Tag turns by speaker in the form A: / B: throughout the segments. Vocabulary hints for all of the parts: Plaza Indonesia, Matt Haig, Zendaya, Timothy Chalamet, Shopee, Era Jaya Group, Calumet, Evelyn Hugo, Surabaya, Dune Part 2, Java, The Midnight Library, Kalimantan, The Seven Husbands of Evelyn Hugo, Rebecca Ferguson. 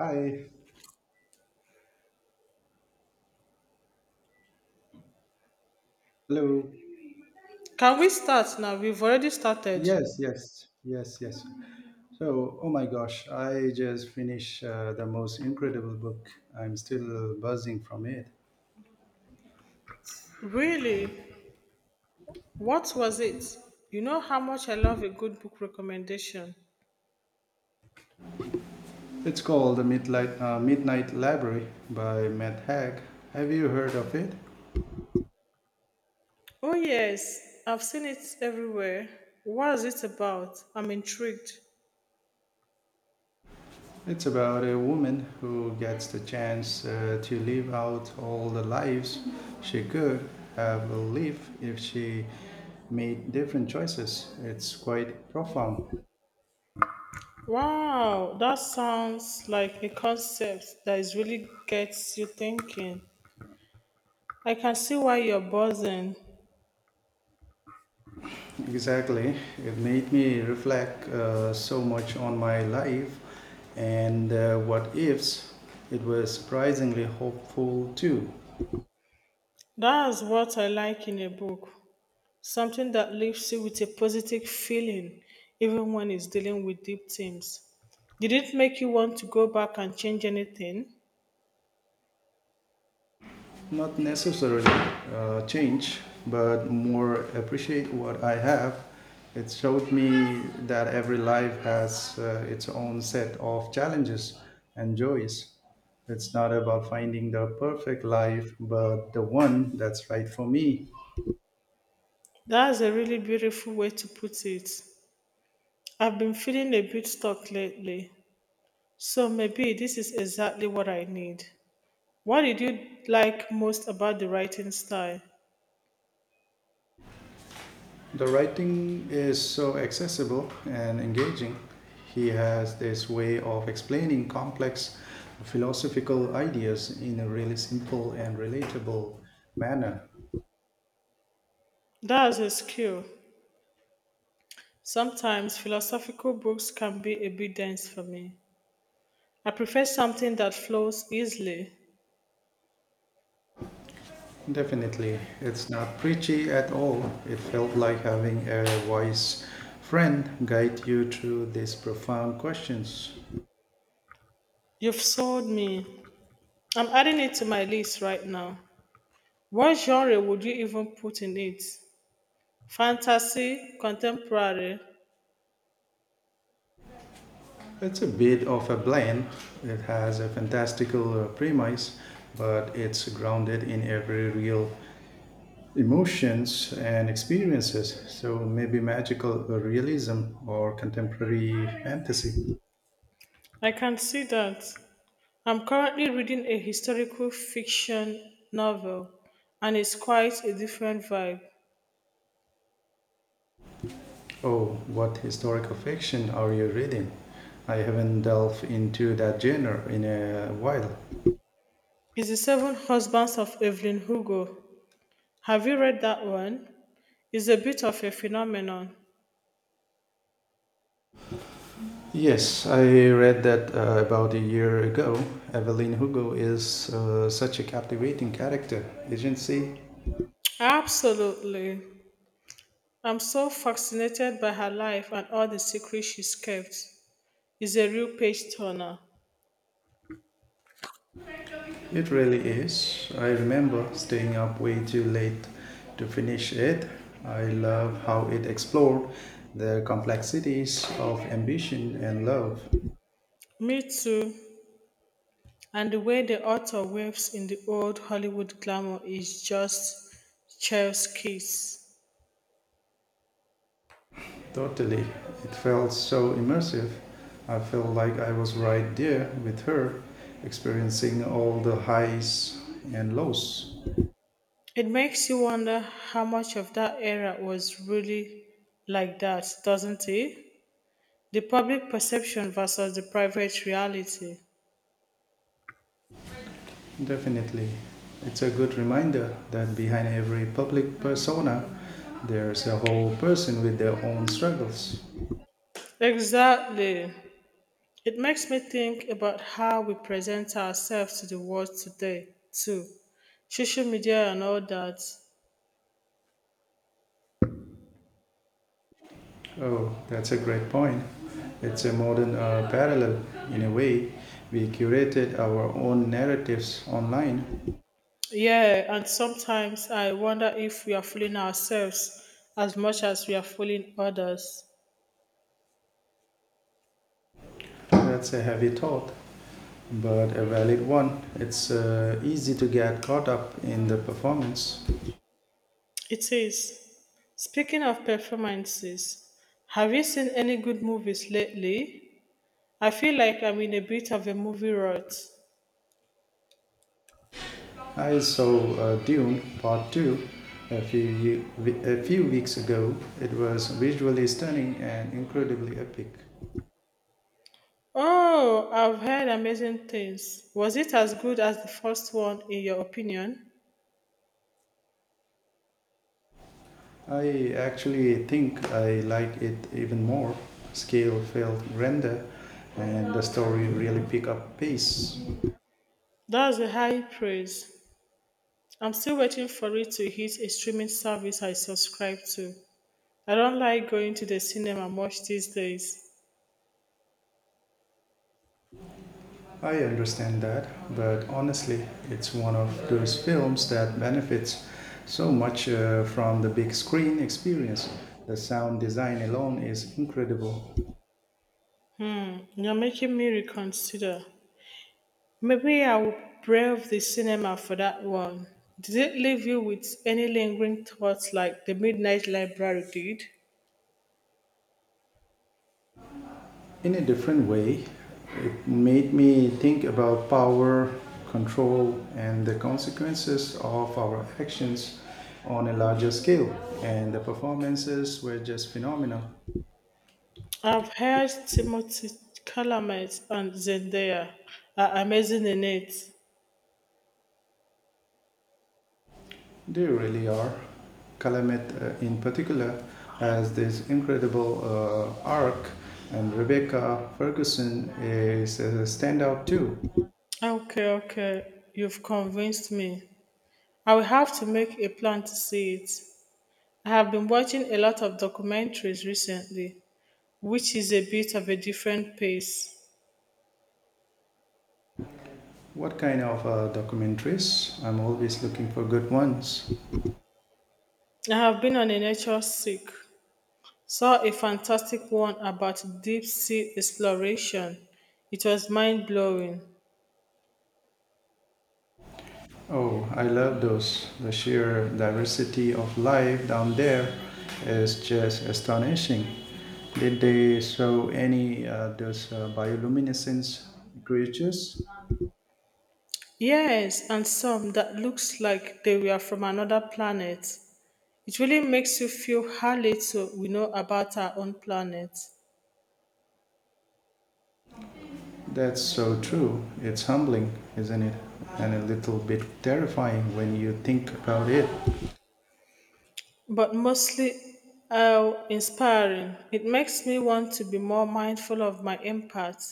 A: Hi. Hello.
B: Can we start now? We've already started.
A: Yes, yes, yes, yes. So, oh my gosh, I just finished the most incredible book. I'm still buzzing from it.
B: Really? What was it? You know how much I love a good book recommendation.
A: It's called The Midnight, Midnight Library by Matt Haig. Have you heard of it?
B: Oh, yes, I've seen it everywhere. What is it about? I'm intrigued.
A: It's about a woman who gets the chance to live out all the lives she could have lived if she made different choices. It's quite profound.
B: Wow, that sounds like a concept that is really gets you thinking. I can see why you're buzzing.
A: Exactly. It made me reflect so much on my life and what ifs. It was surprisingly hopeful too.
B: That's what I like in a book. Something that leaves you with a positive feeling, even when it's dealing with deep themes. Did it make you want to go back and change anything?
A: Not necessarily change, but more appreciate what I have. It showed me that every life has its own set of challenges and joys. It's not about finding the perfect life, but the one that's right for me.
B: That's a really beautiful way to put it. I've been feeling a bit stuck lately, so maybe this is exactly what I need. What did you like most about the writing style?
A: The writing is so accessible and engaging. He has this way of explaining complex philosophical ideas in a really simple and relatable manner.
B: That's a skill. Sometimes philosophical books can be a bit dense for me. I prefer something that flows easily.
A: Definitely, it's not preachy at all. It felt like having a wise friend guide you through these profound questions.
B: You've sold me. I'm adding it to my list right now. What genre would you even put in it? Fantasy, contemporary?
A: It's a bit of a blend. It has a fantastical premise, but it's grounded in every real emotions and experiences. So maybe magical realism or contemporary fantasy.
B: I can see that. I'm currently reading a historical fiction novel and it's quite a different vibe.
A: Oh, what historical fiction are you reading? I haven't delved into that genre in a while.
B: It's The Seven Husbands of Evelyn Hugo. Have you read that one? It's a bit of a phenomenon.
A: Yes, I read that about a year ago. Evelyn Hugo is such a captivating character, isn't she?
B: Absolutely. I'm so fascinated by her life and all the secrets she's kept. It's a real page turner.
A: It really is. I remember staying up way too late to finish it. I love how it explored the complexities of ambition and love.
B: Me too. And the way the author waves in the old Hollywood glamour is just chef's kiss.
A: Totally. It felt so immersive. I felt like I was right there with her, experiencing all the highs and lows.
B: It makes you wonder how much of that era was really like that, doesn't it? The public perception versus the private reality.
A: Definitely. It's a good reminder that behind every public persona, there's a whole person with their own struggles.
B: Exactly. It makes me think about how we present ourselves to the world today, too. Social media and all that.
A: Oh, that's a great point. It's a modern parallel. In a way, we curated our own narratives online.
B: Yeah, and sometimes I wonder if we are fooling ourselves as much as we are fooling others.
A: That's a heavy thought, but a valid one. It's easy to get caught up in the performance.
B: It is. Speaking of performances, have you seen any good movies lately? I feel like I'm in a bit of a movie rut.
A: I saw Dune Part 2 a few, a few weeks ago. It was visually stunning and incredibly epic.
B: Oh, I've heard amazing things. Was it as good as the first one, in your opinion?
A: I actually think I like it even more. Scale felt grander and the story really pick up pace.
B: That's a high praise. I'm still waiting for it to hit a streaming service I subscribe to. I don't like going to the cinema much these days.
A: I understand that, but honestly, it's one of those films that benefits so much from the big screen experience. The sound design alone is incredible.
B: You're making me reconsider. Maybe I will brave the cinema for that one. Did it leave you with any lingering thoughts like The Midnight Library did?
A: In a different way. It made me think about power, control, and the consequences of our actions on a larger scale. And the performances were just phenomenal.
B: I've heard Timothy Chalamet and Zendaya are amazing in it.
A: They really are. Calumet, in particular, has this incredible arc, and Rebecca Ferguson is a standout too.
B: Okay, okay, you've convinced me. I will have to make a plan to see it. I have been watching a lot of documentaries recently, which is a bit of a different pace.
A: What kind of documentaries? I'm always looking for good ones.
B: I have been on a nature seek. Saw a fantastic one about deep sea exploration. It was mind blowing.
A: Oh, I love those. The sheer diversity of life down there is just astonishing. Did they show any those bioluminescence creatures?
B: Yes, and some that looks like they were from another planet. It really makes you feel how little we know about our own planet.
A: That's so true. It's humbling, isn't it? And a little bit terrifying when you think about it.
B: But mostly how inspiring. It makes me want to be more mindful of my impact.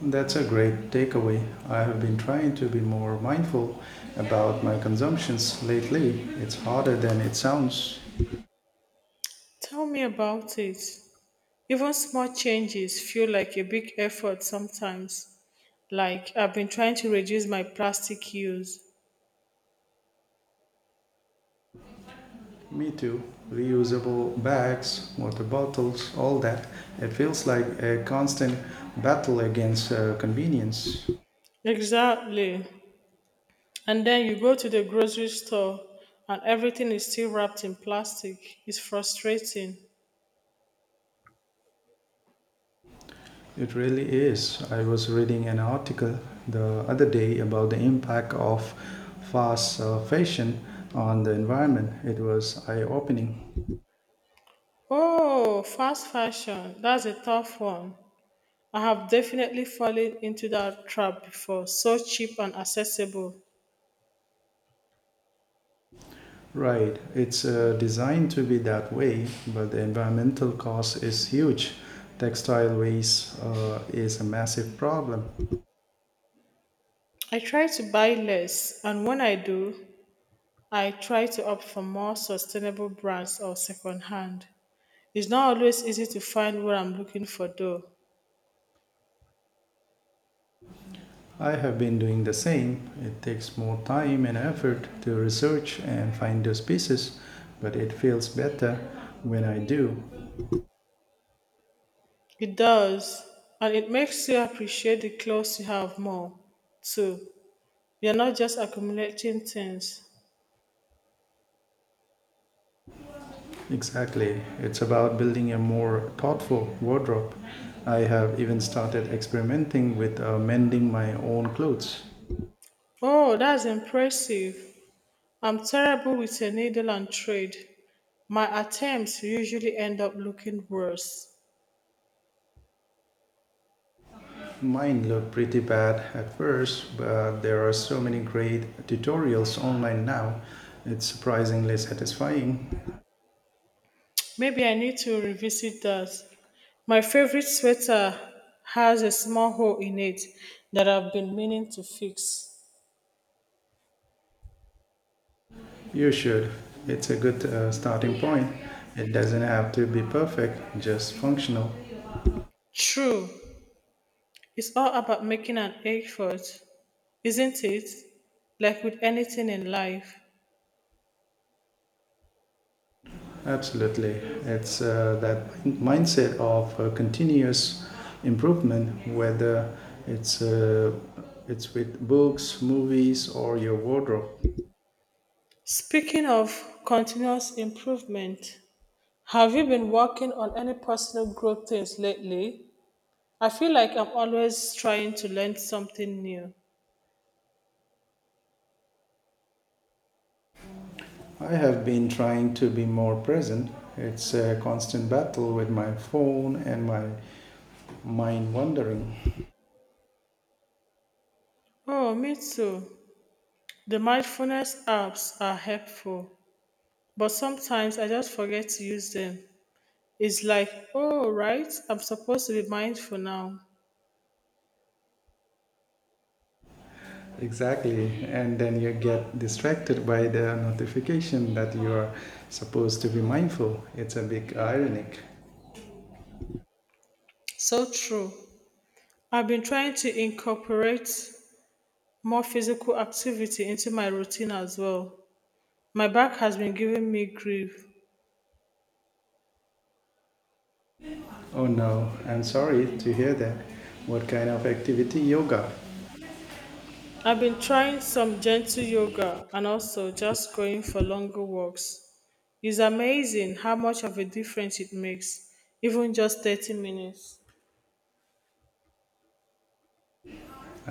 A: That's a great takeaway. I have been trying to be more mindful about my consumptions lately. It's harder than it sounds.
B: Tell me about it. Even small changes feel like a big effort sometimes. Like I've been trying to reduce my plastic use.
A: Me too. Reusable bags, water bottles, all that. It feels like a constant battle against convenience.
B: Exactly. And then you go to the grocery store and everything is still wrapped in plastic. It's frustrating.
A: It really is. I was reading an article the other day about the impact of fast fashion on the environment. It was eye opening.
B: Oh, fast fashion. That's a tough one. I have definitely fallen into that trap before. So cheap and accessible.
A: Right, it's designed to be that way, but the environmental cost is huge. Textile waste is a massive problem.
B: I try to buy less, and when I do, I try to opt for more sustainable brands or secondhand. It's not always easy to find what I'm looking for though.
A: I have been doing the same. It takes more time and effort to research and find those pieces, but it feels better when I do.
B: It does, and it makes you appreciate the clothes you have more too. You're not just accumulating things.
A: Exactly. It's about building a more thoughtful wardrobe. I have even started experimenting with mending my own clothes.
B: Oh, that's impressive. I'm terrible with a needle and thread. My attempts usually end up looking worse.
A: Mine look pretty bad at first, but there are so many great tutorials online now. It's surprisingly satisfying.
B: Maybe I need to revisit that. My favorite sweater has a small hole in it that I've been meaning to fix.
A: You should. It's a good starting point. It doesn't have to be perfect, just functional.
B: True, it's all about making an effort, isn't it? Like with anything in life.
A: Absolutely. It's that mindset of continuous improvement, whether it's, uh, it's with books, movies, or your wardrobe.
B: Speaking of continuous improvement, have you been working on any personal growth things lately? I feel like I'm always trying to learn something new.
A: I have been trying to be more present. It's a constant battle with my phone and my mind wandering.
B: Oh, me too. The mindfulness apps are helpful, but sometimes I just forget to use them. It's like, oh, right, I'm supposed to be mindful now.
A: Exactly, and then you get distracted by the notification that you are supposed to be mindful. It's a big ironic.
B: So true. I've been trying to incorporate more physical activity into my routine as well. My back has been giving me grief.
A: Oh no, I'm sorry to hear that. What kind of activity yoga?
B: I've been trying some gentle yoga and also just going for longer walks. It's amazing how much of a difference it makes, even just 30 minutes.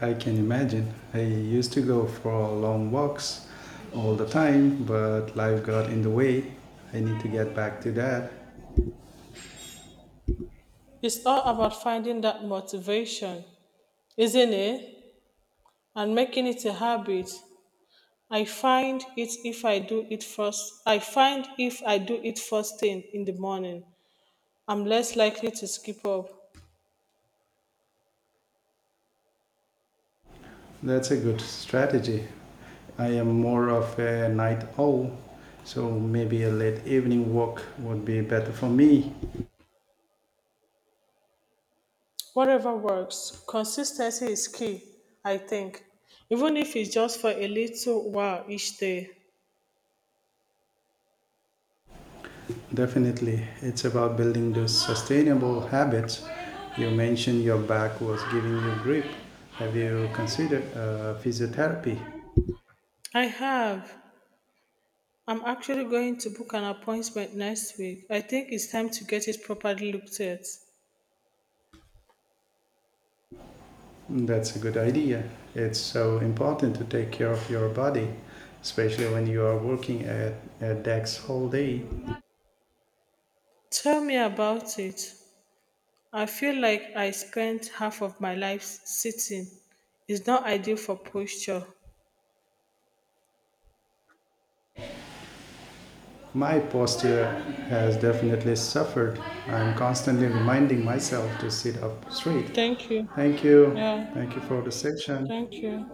A: I can imagine. I used to go for long walks all the time, but life got in the way. I need to get back to that.
B: It's all about finding that motivation, isn't it? And making it a habit. I find it if I do it first. I find if I do it first thing in the morning, I'm less likely to skip up.
A: That's a good strategy. I am more of a night owl, so maybe a late evening walk would be better for me.
B: Whatever works, consistency is key, I think. Even if it's just for a little while each day.
A: Definitely, it's about building those sustainable habits. You mentioned your back was giving you grip. Have you considered physiotherapy?
B: I have. I'm actually going to book an appointment next week. I think it's time to get it properly looked at.
A: That's a good idea. It's so important to take care of your body, especially when you are working at a desk all day.
B: Tell me about it. I feel like I spent half of my life sitting. It's not ideal for posture.
A: My posture has definitely suffered. I'm constantly reminding myself to sit up straight.
B: Thank you.
A: Thank you.
B: Yeah,
A: Thank you for the session.
B: thank you.